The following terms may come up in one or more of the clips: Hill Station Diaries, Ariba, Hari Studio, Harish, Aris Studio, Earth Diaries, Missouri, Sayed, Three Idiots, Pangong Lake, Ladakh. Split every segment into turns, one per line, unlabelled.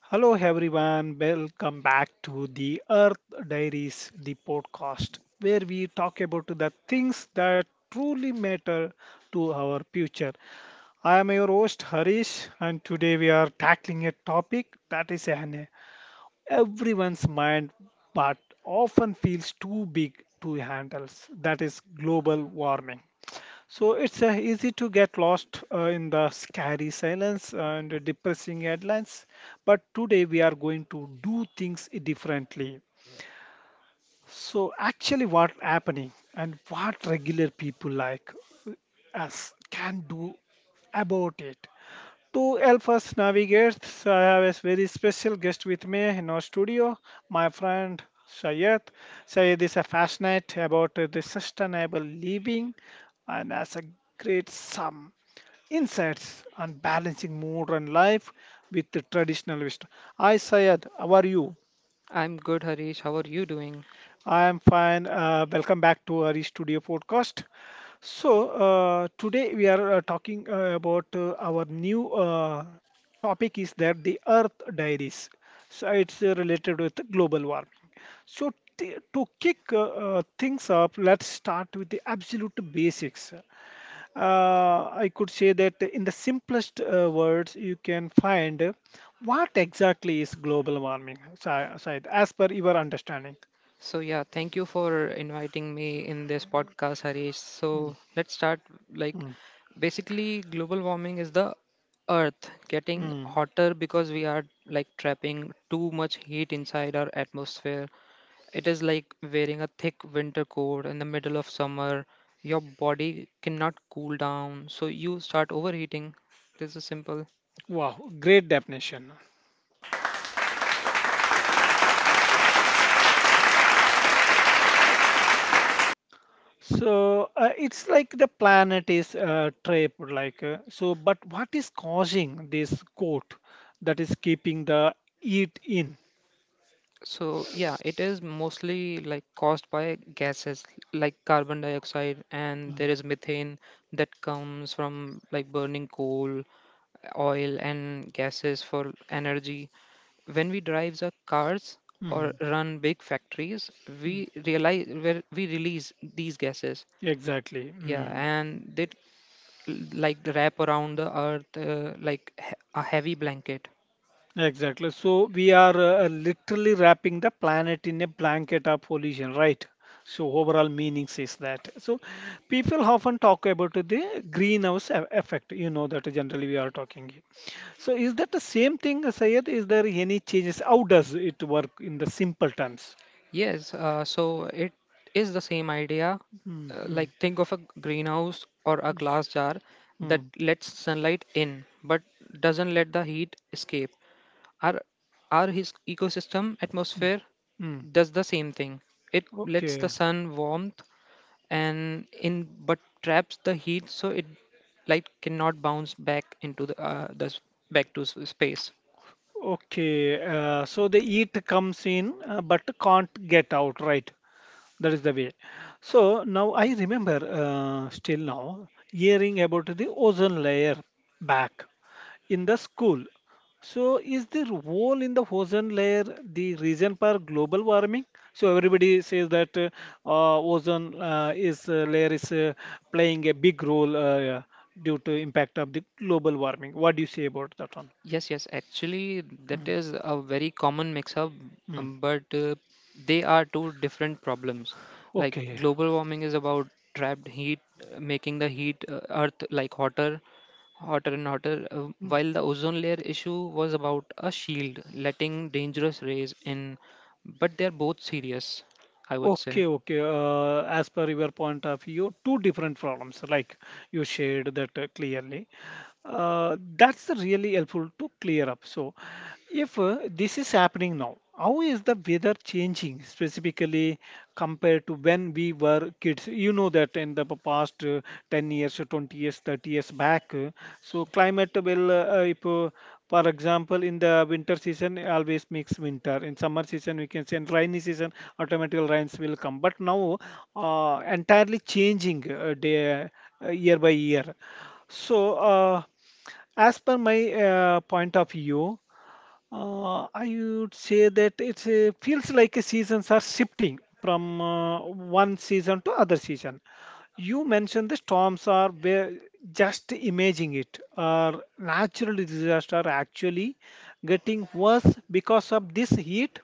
Hello, everyone. Welcome back to the Earth Diaries, the podcast, where we talk about the things that truly matter to our future. I am your host, Harish, and today we are tackling a topic that is on everyone's mind but often feels too big to handle. That is global warming. So it's easy to get lost in the scary silence and depressing headlines, but today we are going to do things differently. So actually what happening and what regular people like us can do about it. To help us navigate, so I have a very special guest with me in our studio, my friend Sayed. Sayed is a fascinate about the sustainable living and has a great some insights on balancing modern life with the traditional wisdom. Hi Sayed, how are you?
I'm good, Harish. How are you doing?
I am fine. Welcome back to Hari Studio podcast. So, today we are talking about our new topic is that the Earth Diaries. So, it's related with global warming. So, to kick things up, let's start with the absolute basics. I could say that in the simplest words, you can find what exactly is global warming, Said, as per your understanding.
Thank you for inviting me in this podcast, Harish.
Hmm.
So, let's start. Like, basically, global warming is the earth getting
Mm,
hotter because we are like trapping too much heat inside our atmosphere. It is like wearing a thick winter coat in the middle of summer. Your body cannot cool down, so you start overheating. This is simple.
wow, great definition. So it's like the planet is trapped, like so. But what is causing this coat that is keeping the heat in?
It is mostly like caused by gases like carbon dioxide, and
Mm,
there is methane that comes from like burning coal, oil, and gases for energy. When we drive our cars or
mm,
run big factories,
mm.
we realize where we release these gases.
Exactly.
Yeah,
Mm.
and they like wrap around the earth like a heavy blanket.
Exactly. So we are literally wrapping the planet in a blanket of pollution, right? So overall meaning is that. So people often talk about the greenhouse effect. You know that generally we are talking. So is that the same thing, Sayed? Is there any changes? How does it work in the simple terms?
Yes, so it is the same idea.
Mm,
Like
mm,
think of a greenhouse or a glass jar that
mm,
lets sunlight in but doesn't let the heat escape. Our our his ecosystem atmosphere
mm.
does the same thing. It lets the
Okay,
sun warmth and in but traps the heat so it light cannot bounce back into back to space.
okay. So the eat comes in, but can't get out, right? That is the way. So now I remember still now hearing about the ozone layer back in the school. So, is the role in the ozone layer the reason for global warming? So, everybody says that ozone is layer is playing a big role yeah, due to impact of the global warming. What do you say about that one?
Yes, yes, actually, that
Mm,
is a very common mix up,
mm.
but they are two different problems. Like
Okay.
global warming is about trapped heat, making the heat earth like hotter, hotter and hotter,
Hmm.
while the ozone layer issue was about a shield, letting dangerous rays in. But they're both serious, I would say.
Okay, okay. As per your point of view, two different problems, like you shared that clearly. That's really helpful to clear up. So, if this is happening now, how is the weather changing specifically compared to when we were kids? You know that that in the past 10 years, 20 years, 30 years back. So climate will, if, for example, in the winter season, it always makes winter. In summer season, we can say in rainy season, automatically rains will come. But now, entirely changing day, year by year. So, uh, as per my point of view I would say that it feels like a seasons are shifting from one season to other season. You mentioned the storms are where just imagining it or natural disaster are actually getting worse because of this heat.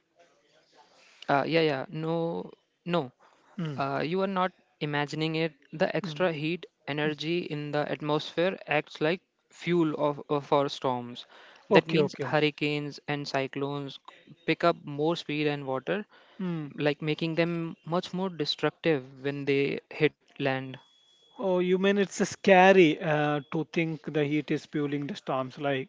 Yeah, no, no.
Mm,
You are not imagining it. The
mm.
extra heat energy in the atmosphere acts like fuel for storms. That
Okay,
means
okay.
hurricanes and cyclones pick up more speed and water,
Mm.
like making them much more destructive when they hit land.
Oh, you mean it's scary to think the heat is fueling the storms like.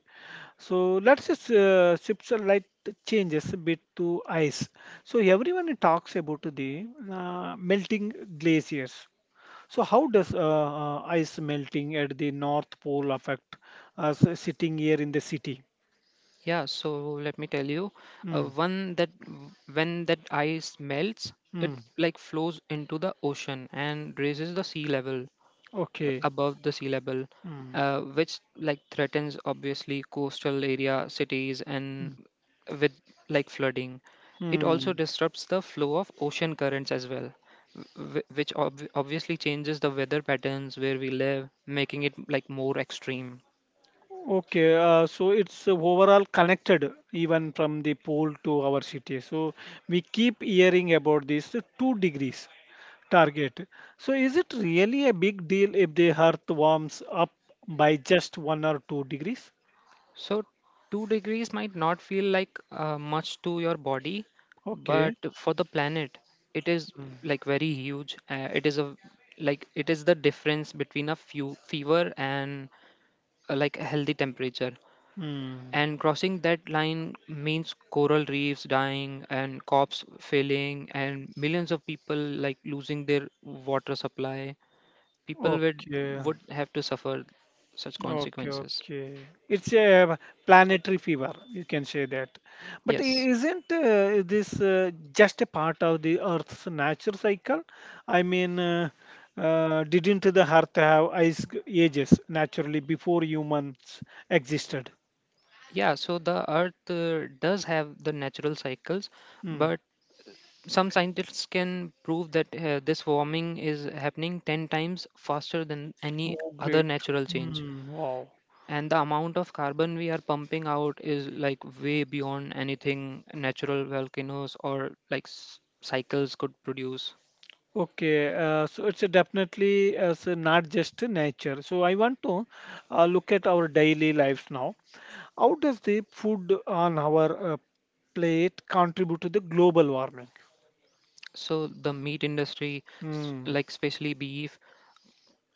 So let's just shift the light changes a bit to ice. So everyone talks about the melting glaciers. So how does ice melting at the North Pole affect us sitting here in the city?
Yeah, so let me tell you,
Mm,
one that when that ice melts, it
mm,
like flows into the ocean and raises the sea level.
okay.
Above the sea level,
Mm,
which like threatens obviously coastal area cities
mm,
and with like flooding. It also
mm.
disrupts the flow of ocean currents as well, which obviously changes the weather patterns where we live, making it like more extreme.
Okay, so it's overall connected even from the pole to our city. So we keep hearing about this 2 degrees target. So, is it really a big deal if the Earth warms up by just 1 or 2 degrees?
So, 2 degrees might not feel like much to your body, but
Okay.
for the planet, it is
Mm.
like very huge. It is the difference between a few fever and like a healthy temperature.
Mm.
And crossing that line means coral reefs dying and crops failing and millions of people like losing their water supply. People would
Okay.
would have to suffer such
Okay.
consequences.
Okay. It's a planetary fever, you can say that. But
Yes.
isn't this just a part of the Earth's nature cycle? I mean, didn't the Earth have ice ages naturally before humans existed?
Yeah, so the Earth does have the natural cycles,
Mm.
but some scientists can prove that this warming is happening 10 times faster than any
Oh,
other
great.
natural change.
Mm, wow.
And the amount of carbon we are pumping out is like way beyond anything natural volcanoes or like cycles could produce.
Okay, so it's a definitely as a not just a nature. So I want to look at our daily lives now. How does the food on our plate contribute to the global warming?
So the meat industry,
Hmm.
like especially beef,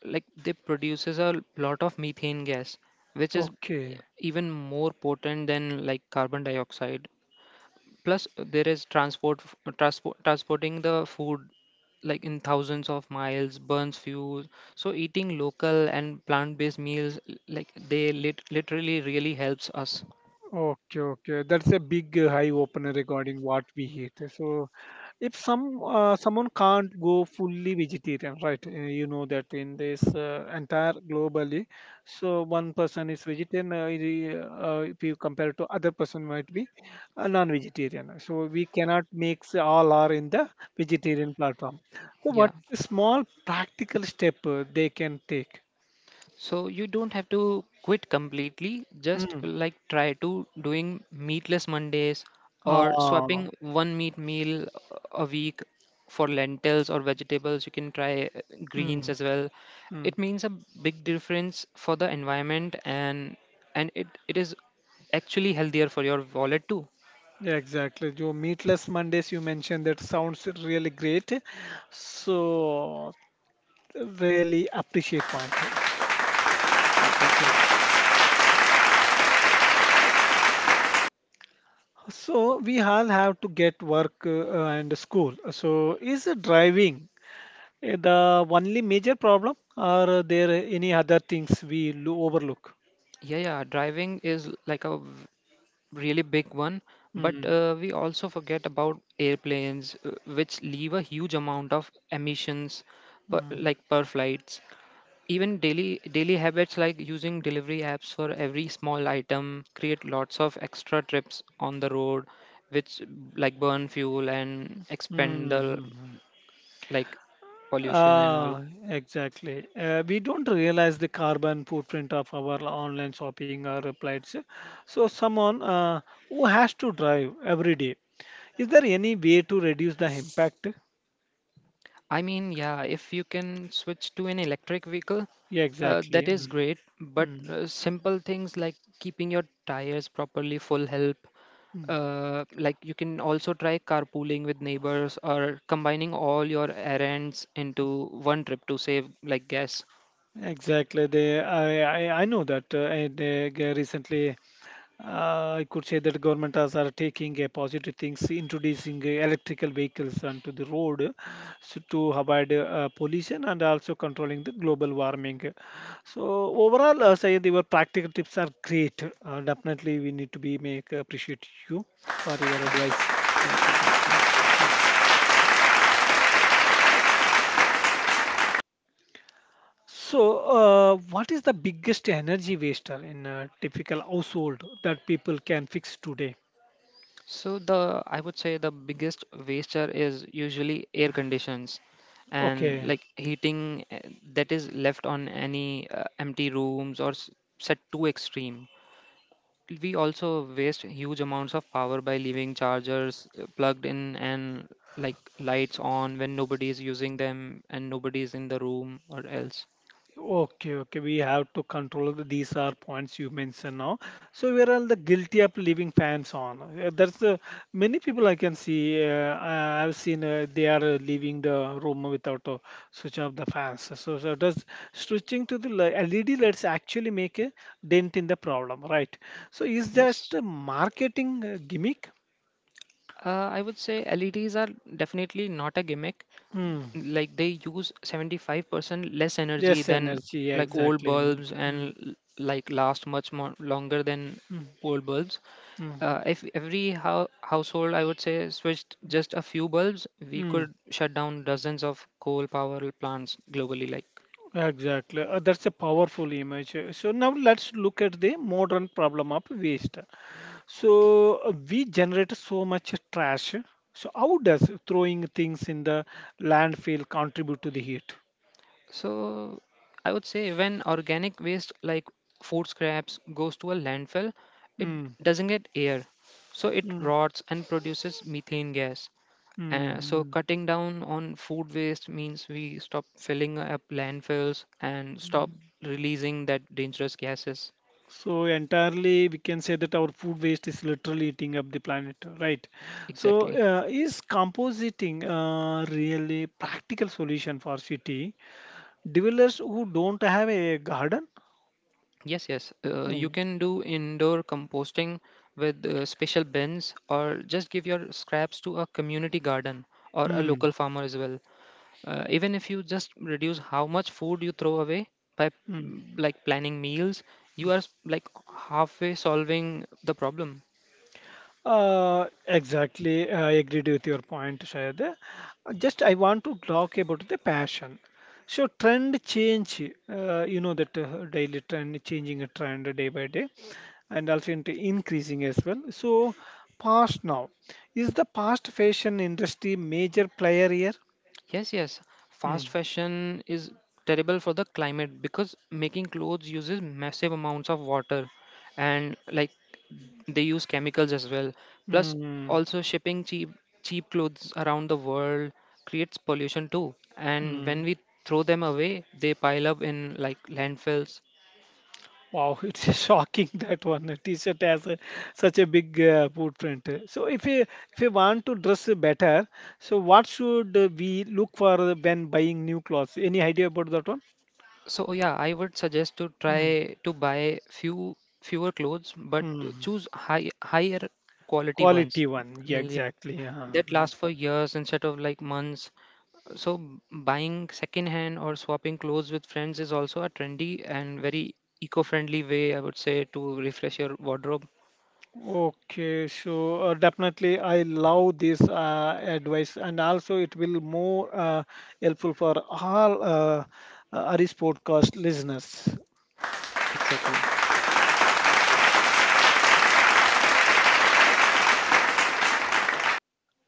like they produces a lot of methane gas, which is
Okay.
even more potent than like carbon dioxide. Plus there is transporting the food like in thousands of miles burns fuel, so eating local and plant based meals like they literally really helps us.
Okay. Okay. That's a big eye opener regarding what we eat. So if someone can't go fully vegetarian right you know that in this entire globally so one person is vegetarian if you compare to other person might be a non-vegetarian so we cannot mix all are in the vegetarian platform so what
Yeah.
is small practical step they can take
So you don't have to quit completely, just
mm.
like try to doing meatless Mondays or
Ah.
swapping one meat meal a week for lentils or vegetables. You can try
Mm.
greens as well.
Mm.
It means a big difference for the environment, and it is actually healthier for your wallet too.
Yeah, exactly. Joe, Meatless Mondays, you mentioned that sounds really great. So really appreciate point
Yeah, thank you.
so we all have to get work and school so is driving eh, the only major problem or are there any other things we overlook
Yeah, driving is like a really big one, but
mm,
we also forget about airplanes which leave a huge amount of emissions
mm,
like per flights. Even daily habits like using delivery apps for every small item create lots of extra trips on the road which like burn fuel and expend
mm,
the
mm.
like pollution and all.
Ah, exactly. We don't realize the carbon footprint of our online shopping or appliances. So, someone who has to drive every day, is there any way to reduce the impact?
I mean, yeah, if you can switch to an electric vehicle,
Yeah, exactly.
that is
Mm,
great. But
mm.
simple things like keeping your tires properly full help.
Mm,
Like you can also try carpooling with neighbors or combining all your errands into one trip to save like gas.
Exactly. They, I know that. Recently, I could say that government has are taking positive things, introducing electrical vehicles onto the road, so to avoid pollution and also controlling the global warming. So overall, say your practical tips are great. Definitely, we need to be make appreciate you for your
Thank, thank
advice.
you, thank you.
So, what is the biggest energy waster in a typical household that people can fix today?
So the I would say the biggest waster is usually air conditions and
Okay,
like heating that is left on any empty rooms or set too extreme. We also waste huge amounts of power by leaving chargers plugged in and like lights on when nobody is using them and nobody is in the room or else.
okay, okay. We have to control the, these are points you mentioned now. So where are the guilty of leaving fans on? There's many people I can see. I've seen they are leaving the room without switch off the fans. So does switching to the LED lights actually make a dent in the problem, right? So is
Yes.
just a marketing gimmick?
Uh, I would say LEDs are definitely not a gimmick.
Hmm.
Like they use 75% less energy
Yes,
than
energy.
like old
Exactly. Mm,
bulbs
mm,
and like last much more longer than
mm,
old bulbs.
mm,
If every household I would say switched just a few bulbs, we
mm.
could shut down dozens of coal power plants globally, like.
Exactly. That's a powerful image. So now let's look at the modern problem of waste. So we generate so much trash. So how does throwing things in the landfill contribute to the heat?
So I would say when organic waste like food scraps goes to a landfill, it
Mm,
doesn't get air so it
mm,
rots and produces methane gas.
mm,
So
mm,
cutting down on food waste means we stop filling up landfills and stop
mm.
releasing that dangerous gases.
So entirely, we can say that our food waste is literally eating up the planet, right? So
Exactly.
is compositing really practical solution for city dwellers who don't have a garden?
Yes, yes.
Hmm.
You can do indoor composting with special bins or just give your scraps to a community garden or a
Hmm.
local farmer as well. Even if you just reduce how much food you throw away by
Hmm.
like planning meals, you are like halfway solving the problem.
Exactly. I agreed with your point, Shayad. Just I want to talk about the passion. So trend change, you know that daily trend, changing a trend day by day, and also into increasing as well. So past now, is the past fashion industry major player here?
Yes, yes.
Hmm.
Fast fashion is terrible for the climate because making clothes uses massive amounts of water and like they use chemicals as well. Plus
Hmm.
also shipping cheap clothes around the world creates pollution too. And when
Hmm.
we throw them away, they pile up in like landfills.
Wow, it's shocking that one. A T-shirt has a, such a big footprint. So if you want to dress better, so what should we look for when buying new clothes? Any idea about that one?
So yeah, I would suggest to
Hmm.
try to buy few fewer clothes but
Hmm.
choose higher quality
Quality
ones
one, yeah, exactly. Uh-huh.
that
Hmm.
lasts for years instead of like months. So buying second hand or swapping clothes with friends is also a trendy and very eco-friendly way, I would say, to refresh your wardrobe.
Okay, so definitely I love this advice, and also it will more helpful for all Aris podcast listeners.
Exactly.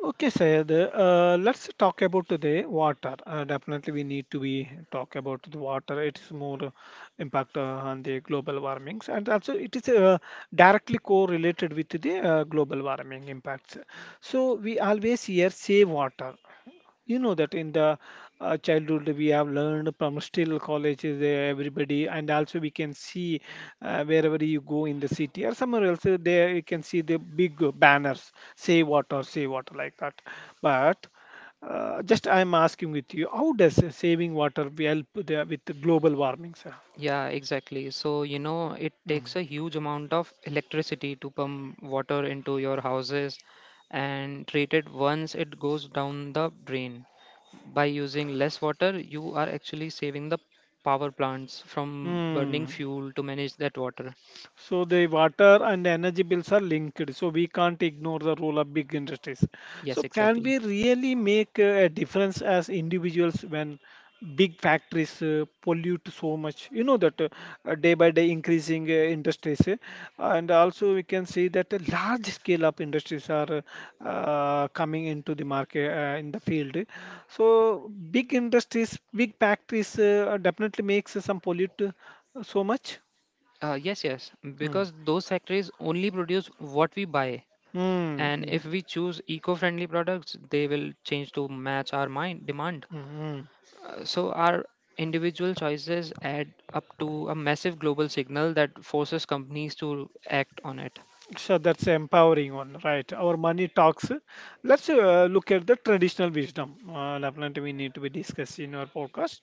Okay, Sayed. Let's talk about the water. Definitely, we need to be talk about the water. It's more impact on the global warmings, and also it is directly correlated with the global warming impacts. So we always hear save water, you know that in the childhood we have learned from still college is there everybody and also we can see wherever you go in the city or somewhere else there you can see the big banners say water save water like that but just I am asking with you how does saving water will help the, with the global warming sir
Yeah, exactly. So, you know, it
mm.
takes a huge amount of electricity to pump water into your houses and treat it once it goes down the drain. By using less water, you are actually saving the power plants from burning
Mm.
fuel to manage that water.
So the water and energy bills are linked. So we can't ignore the role of big industries. So
Yes,
can
exactly.
we really make a difference as individuals when big factories pollute so much? You know that day by day increasing industries, and also we can see that a large scale of industries are coming into the market in the field. So big industries, big factories definitely makes some pollute so much.
Yes, yes,
Hmm.
because those factories only produce what we buy,
Mm,
and
mm,
if we choose eco-friendly products, they will change to match our mind demand.
mm, mm.
So our individual choices add up to a massive global signal that forces companies to act on it.
So that's empowering one, right? Our money talks. Let's look at the traditional wisdom. Definitely, we need to be discussed in our podcast.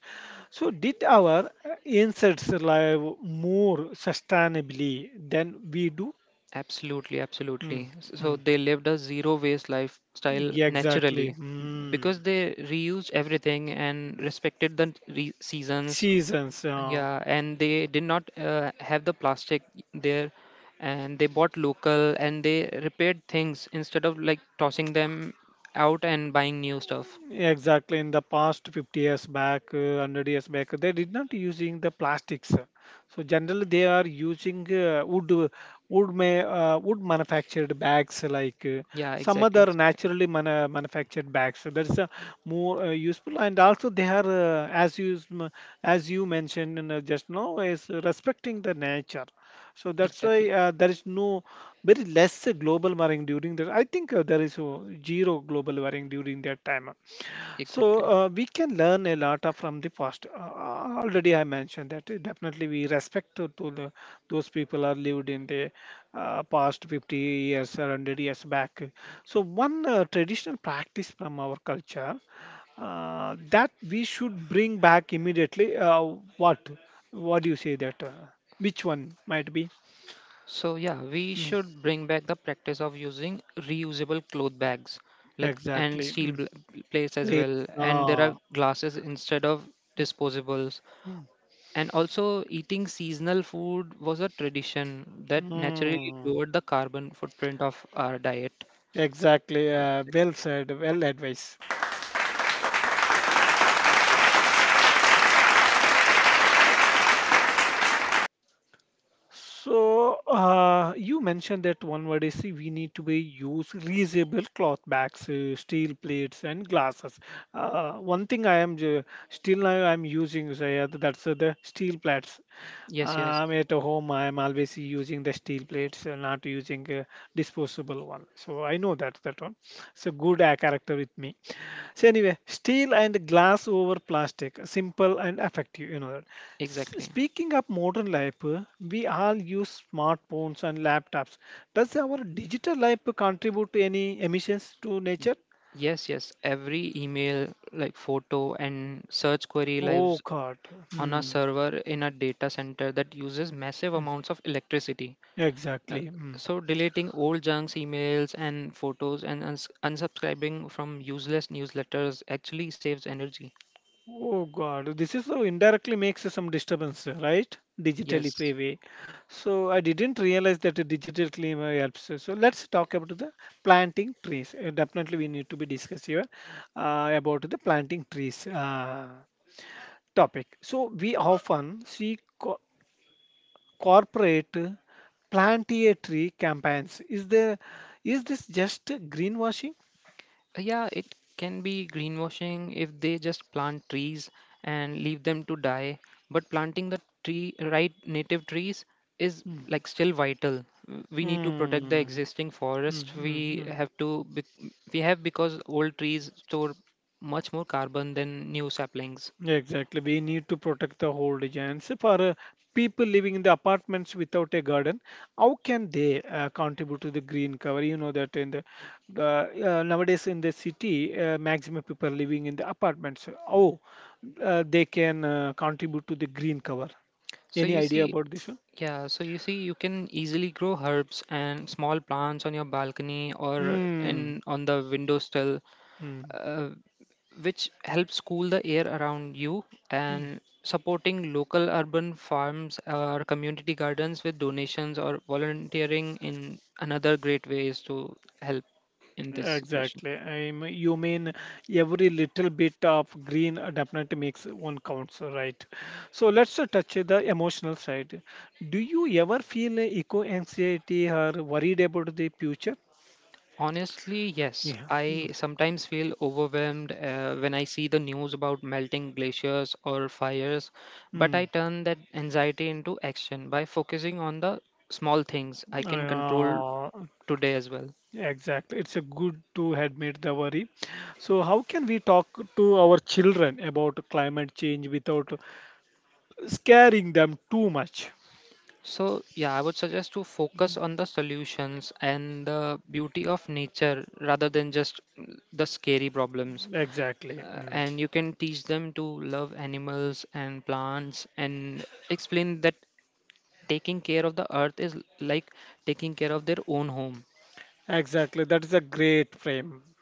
So, did our ancients live more sustainably than we do?
Absolutely,
Mm,
absolutely. So
mm.
they lived a zero waste lifestyle
Yeah, exactly.
naturally
Mm.
because they reused everything and respected the seasons.
Seasons.
Yeah, and they did not have the plastic there, and they bought local and they repaired things instead of like tossing them out and buying new stuff.
Yeah, Exactly, in the past 50 years back, 100 years back, they did not using the plastics. So generally, they are using wood, wood may wood manufactured bags like
Yeah,
some other naturally mana manufactured bags. So that is more useful, and also they are as you mentioned in, just now is respecting the nature. So that's
exactly,
why there is no very less global warming during that. I think there is zero global warming during that time. So
exactly.
we can learn a lot of from the past. Already, I mentioned that definitely we respect to the, those people are lived in the past 50 years or 100 years back. So one traditional practice from our culture that we should bring back immediately. What? What do you say that? Which one might be?
So yeah, we
Mm,
should bring back the practice of using reusable cloth bags, like, and
exactly. Mm.
plates as
Late.
well. And there are
Ah.
glasses instead of disposables.
Mm.
And also, eating seasonal food was a tradition that naturally
Mm.
lowered the carbon footprint of our diet.
Exactly.
I would say.
Well said. Well advised. So you mentioned that one word is we need to be use reusable cloth bags, steel plates, and glasses. One thing I am still now I'm using say, that's the steel plates.
Yes, yes,
At home I'm always using the steel plates, not using a disposable one. So I know that that one. So good character with me. So anyway, steel and glass over plastic, simple and effective, you know that.
exactly.
Speaking of modern life, we all use smartphones and laptops. Does our digital life contribute to any emissions to nature?
Yes, yes. Every email, like photo and search query
Oh
lives
God.
on a
Hmm.
server in a data center that uses massive
Hmm.
amounts of electricity. Uh,
Exactly. Hmm.
So, deleting old junks, emails, and photos, and unsubscribing from useless newsletters actually saves energy.
Oh God, this is how indirectly makes some disturbance, right? Digitally
Yes.
payway. So I didn't realize that a digital climate helps. So let's talk about the planting trees. Definitely we need to be discuss here about the planting trees topic. So we often see co corporate plant a tree campaigns. Is this just greenwashing?
Yeah, it can be greenwashing if they just plant trees and leave them to die. But planting the tree, right native trees, is
Hmm.
like still vital. We need to protect the
Hmm.
existing
Hmm. Hmm,
forest.
hmm,
We
hmm.
have to, bec- we have because old trees store much more carbon than new saplings.
Exactly. We need to protect the whole regions. For people living in the apartments without a garden, how can they contribute to the green cover? You know that in the nowadays in the city, maximum people living in the apartments. Oh, they can contribute to the green cover.
So
Any
you
idea
see,
about this one?
yeah, so you see, you can easily grow herbs and small plants on your balcony or
Mm.
in on the windowsill uh, which helps cool the air around you,
Mm.
and supporting local urban farms or community gardens with donations or volunteering in another great way is to help in this situation.
Exactly. You mean every little bit of green definitely makes one counts, right? So let's touch the emotional side. Do you ever feel eco anxiety or worried about the future?
Honestly yes,
Yeah.
I sometimes feel overwhelmed when I see the news about melting glaciers or fires, but I
Mm.
turn that anxiety into action by focusing on the small things I
Mm.
can control today as well.
Exactly. It's a good to admit the worry. So how can we talk to our children about climate change without scaring them too much?
So, yeah, I would suggest to focus on the solutions and the beauty of nature rather than just the scary problems.
Exactly. Mm.
And you can teach them to love animals and plants and explain that taking care of the earth is like taking care of their own home.
Exactly. That is a great frame.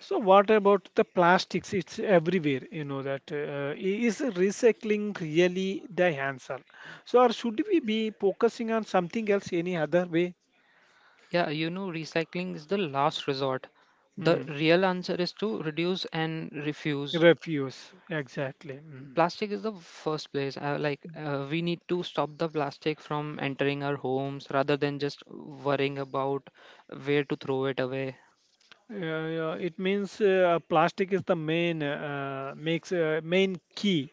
So what about the plastics? It's everywhere, you know that. Is recycling really the answer? So or should we be focusing on something else any other way?
Yeah, you know, recycling is the last resort. The
Hmm.
real answer is to reduce and refuse
Refuse, exactly. Mm.
plastic is the first place. We need to stop the plastic from entering our homes rather than just worrying about where to throw it away.
Yeah, yeah. It means plastic is the main makes main key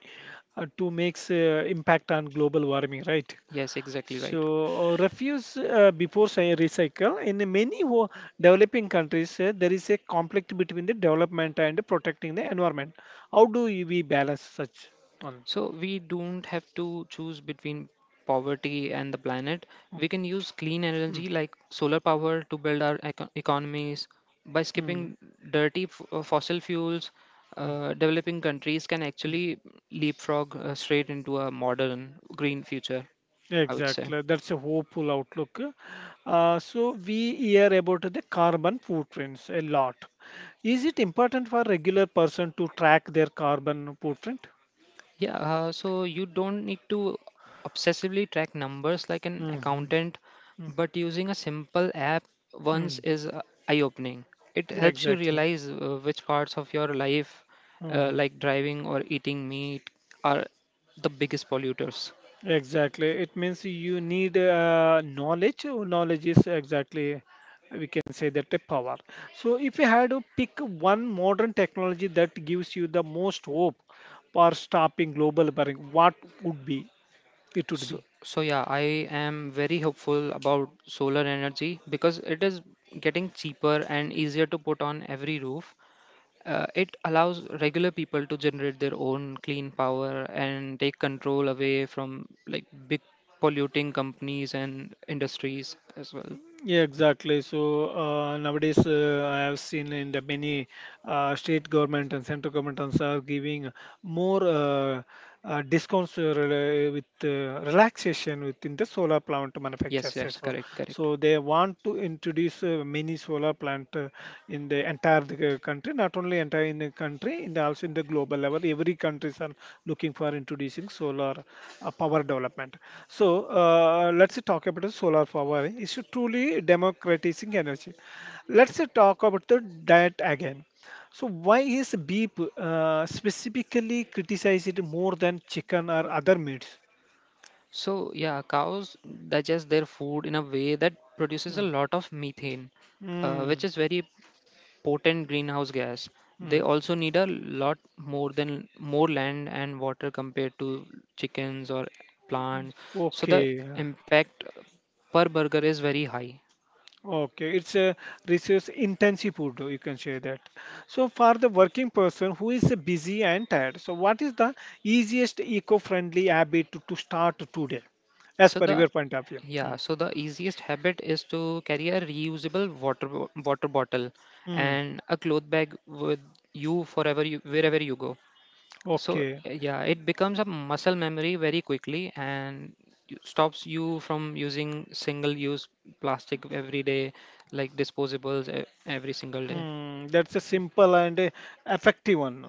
to makes impact on global warming, right?
Yes, exactly
So,
right.
refuse before say recycle. In many developing countries, there is a conflict between the development and protecting the environment. How do we balance such one?
So we don't have to choose between poverty and the
Mm,
planet. We can use clean
mm,
energy like solar power to build our economies by
mm,
skipping dirty fossil fuels. Developing countries can
mm.
actually leapfrog straight into a modern green future, I would say.
Exactly, that's a hopeful outlook. So, we hear about the carbon footprints a lot. Is it important for regular person to track their carbon footprint?
Yeah, so you don't need to obsessively track numbers like an
Mm-hmm.
accountant, but using a simple app once
Mm-hmm.
is eye-opening. It helps you
Exactly.
realize which parts of your life,
Hmm.
like driving or eating meat, are the biggest polluters.
Exactly. It means you need knowledge. Knowledge is exactly, we can say that a power. So if you had to pick one modern technology that gives you the most hope for stopping global warming, what would be? It would
So,
be.
so yeah, I am very hopeful about solar energy because it is getting cheaper and easier to put on every roof. It allows regular people to generate their own clean power and take control away from like big polluting companies and industries as well.
Yeah, exactly. So nowadays, I have seen in the many state government and central governments are giving more discounts with relaxation within the solar plant
Yes,
manufacturers. And
yes,
So,
correct, correct.
so they want to introduce many solar plant in the entire the country, not only entire in the country, in the, also in the global level. Every countries are looking for introducing solar power development. So let's talk about the solar power. It's truly democratizing energy. Let's talk about the diet again. So why is beef specifically criticized more than chicken or other meats?
So yeah, cows digest their food in a way that produces a
Mm.
lot of methane, which
Mm.
is very potent greenhouse gas. They
Mm.
also need a lot more than more land and water compared to chickens or plants. So the
Okay.
impact per burger is very high.
Okay. It's a resource intensive food, you can say that. So for the working person who is busy and tired, so what is the easiest eco-friendly habit to start today, as
So
per
the
your point of view?
yeah,
Hmm.
so the easiest habit is to carry a reusable water bottle
Hmm.
and a cloth bag with wherever you go. So
Okay.
yeah, it becomes a muscle memory very quickly and stops you from using single-use plastic every day, like disposables every single day.
Hmm. That's a simple and effective one.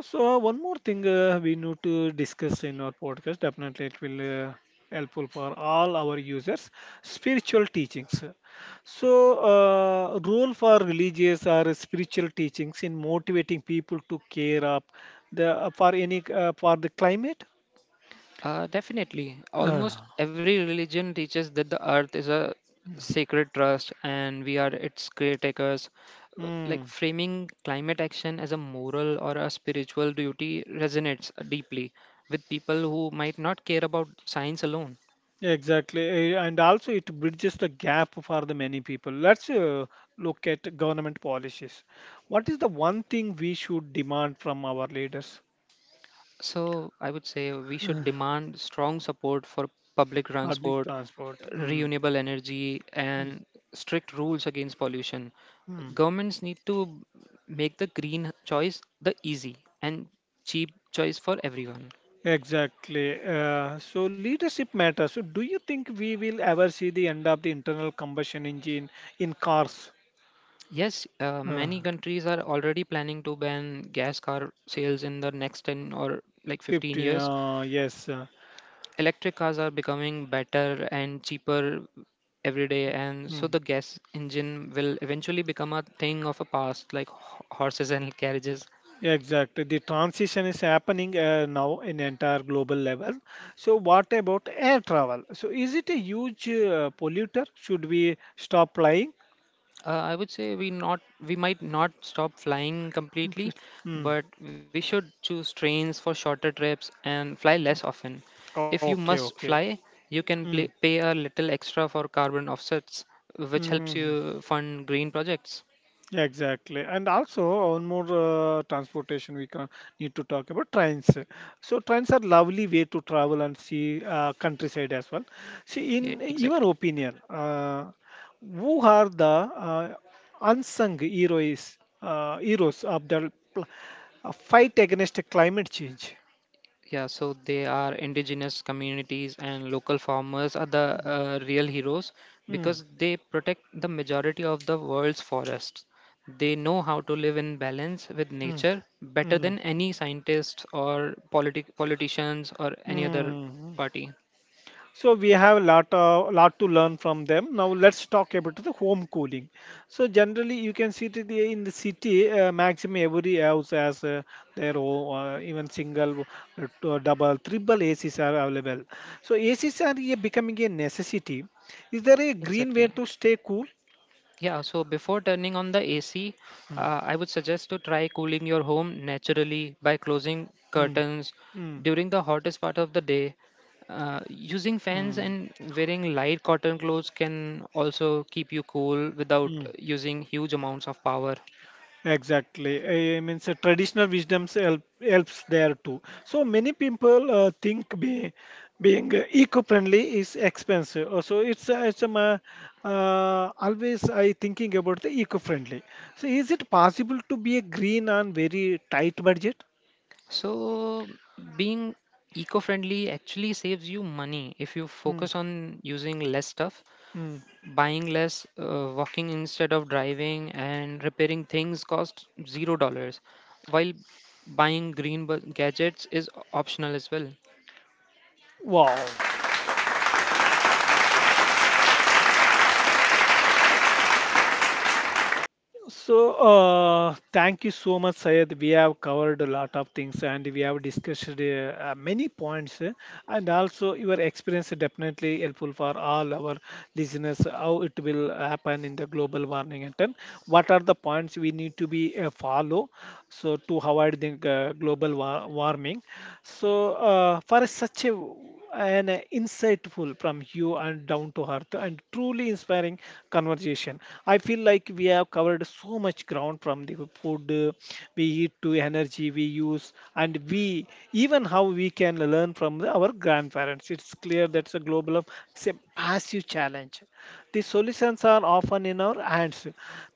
So one more thing we need to discuss in our podcast. Definitely, it will uh, helpful for all our users. Spiritual teachings. So role for religious or spiritual teachings in motivating people to care up the for any for the climate.
Definitely.
Uh,
Almost every religion teaches that the earth is a sacred trust and we are its caretakers. Like
hmm.
framing climate action as a moral or a spiritual duty resonates deeply with people who might not care about science alone.
Exactly, eh, and also it bridges the gap for the many people. Let's look at government policies. What is the one thing we should demand from our leaders?
So I would say we should demand strong support for public
Public
transport,
transport. Mm,
renewable energy,
mm,
and strict rules against pollution.
mm.
Governments need to make the green choice the easy and cheap choice for everyone.
Exactly. So leadership matters. So do you think we will ever see the end of the internal combustion engine in cars?
Yes,
Uh,
many countries are already planning to ban gas car sales in the next 10 or like 15
50,
years.
yes. Uh,
Electric cars are becoming better and cheaper every day, and so
mm.
the gas engine will eventually become a thing of a past, like horses and carriages.
Exactly. The transition is happening now in entire global level. So what about air travel? So is it a huge polluter? Should we stop flying?
I would say we not we might not stop flying completely,
Completely? Mm.
but we should choose trains for shorter trips and fly less often. If you
Okay,
must
okay.
fly, you can
Mm,
pay a little extra for carbon offsets, which helps
mm.
you fund green projects.
Yeah, exactly, and also one more transportation we can need to talk about trains. So trains are lovely way to travel and see countryside as well. See,
Yeah,
in your
exactly.
opinion, who are the unsung heroes of the fight against climate change?
Yeah, so they are indigenous communities and local farmers are the real heroes
Mm,
because they protect the majority of the world's forests. They know how to live in balance with
mm,
nature better
mm,
than any scientists or politicians or any other
mm,
party.
so we have a lot, lot to learn from them. Now let's talk about the home cooling. So generally, you can see that in the city, maximum every house has their own, even single, double, triple ACs are available. So ACs are becoming a necessity. Is there a green way
Exactly.
to stay cool?
Yeah, so before turning on the AC,
Mm,
I would suggest to try cooling your home naturally by closing
mm,
curtains
mm,
during the hottest part of the day. Using
mm,
fans and wearing light cotton clothes can also keep you cool without
mm.
using huge amounts of power.
Exactly. I mean, so traditional wisdoms help, helps there too. So many people think being eco-friendly is expensive. So it's always I thinking about the eco-friendly. So is it possible to be a green on very tight budget?
So, being eco friendly actually saves you money if you
Mm.
focus on using less stuff.
Mm.
Buying less, walking instead of driving, and repairing things cost $0, while buying gadgets is optional as well.
Wow. So, thank you so much, Sayed. We have covered a lot of things and we have discussed many points. And also, your experience is definitely helpful for all our listeners how it will happen in the global warming and then what are the points we need to be follow so to avoid the warming. So, for such a an insightful from you and down to earth and truly inspiring conversation. I feel like we have covered so much ground from the food we eat to energy we use and we even how we can learn from our grandparents. It's clear that's a global of say, massive challenge. The solutions are often in our hands.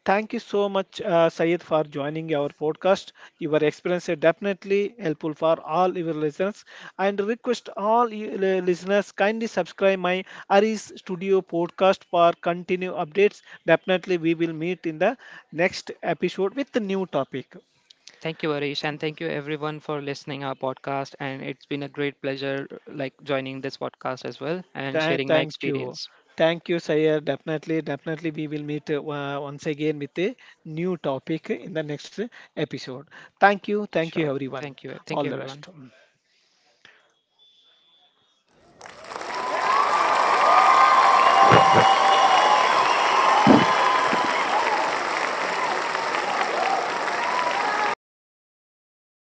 Thank you so much, Sayed, for joining our podcast. Your experience is definitely helpful for all your listeners. And request all listeners kindly subscribe my Aris Studio podcast for continue updates. Definitely, we will meet in the next episode with the new topic.
Thank you, Arish, and thank you everyone for listening our podcast. And it's been a great pleasure, like joining this podcast as well and sharing my
Thank you.
experience.
Thank you, Sayed. Definitely, definitely, we will meet once again with a new topic in the next episode. Thank you. Thank
Sure.
you, everyone.
Thank you. Thank
All
you,
the
everyone.
best.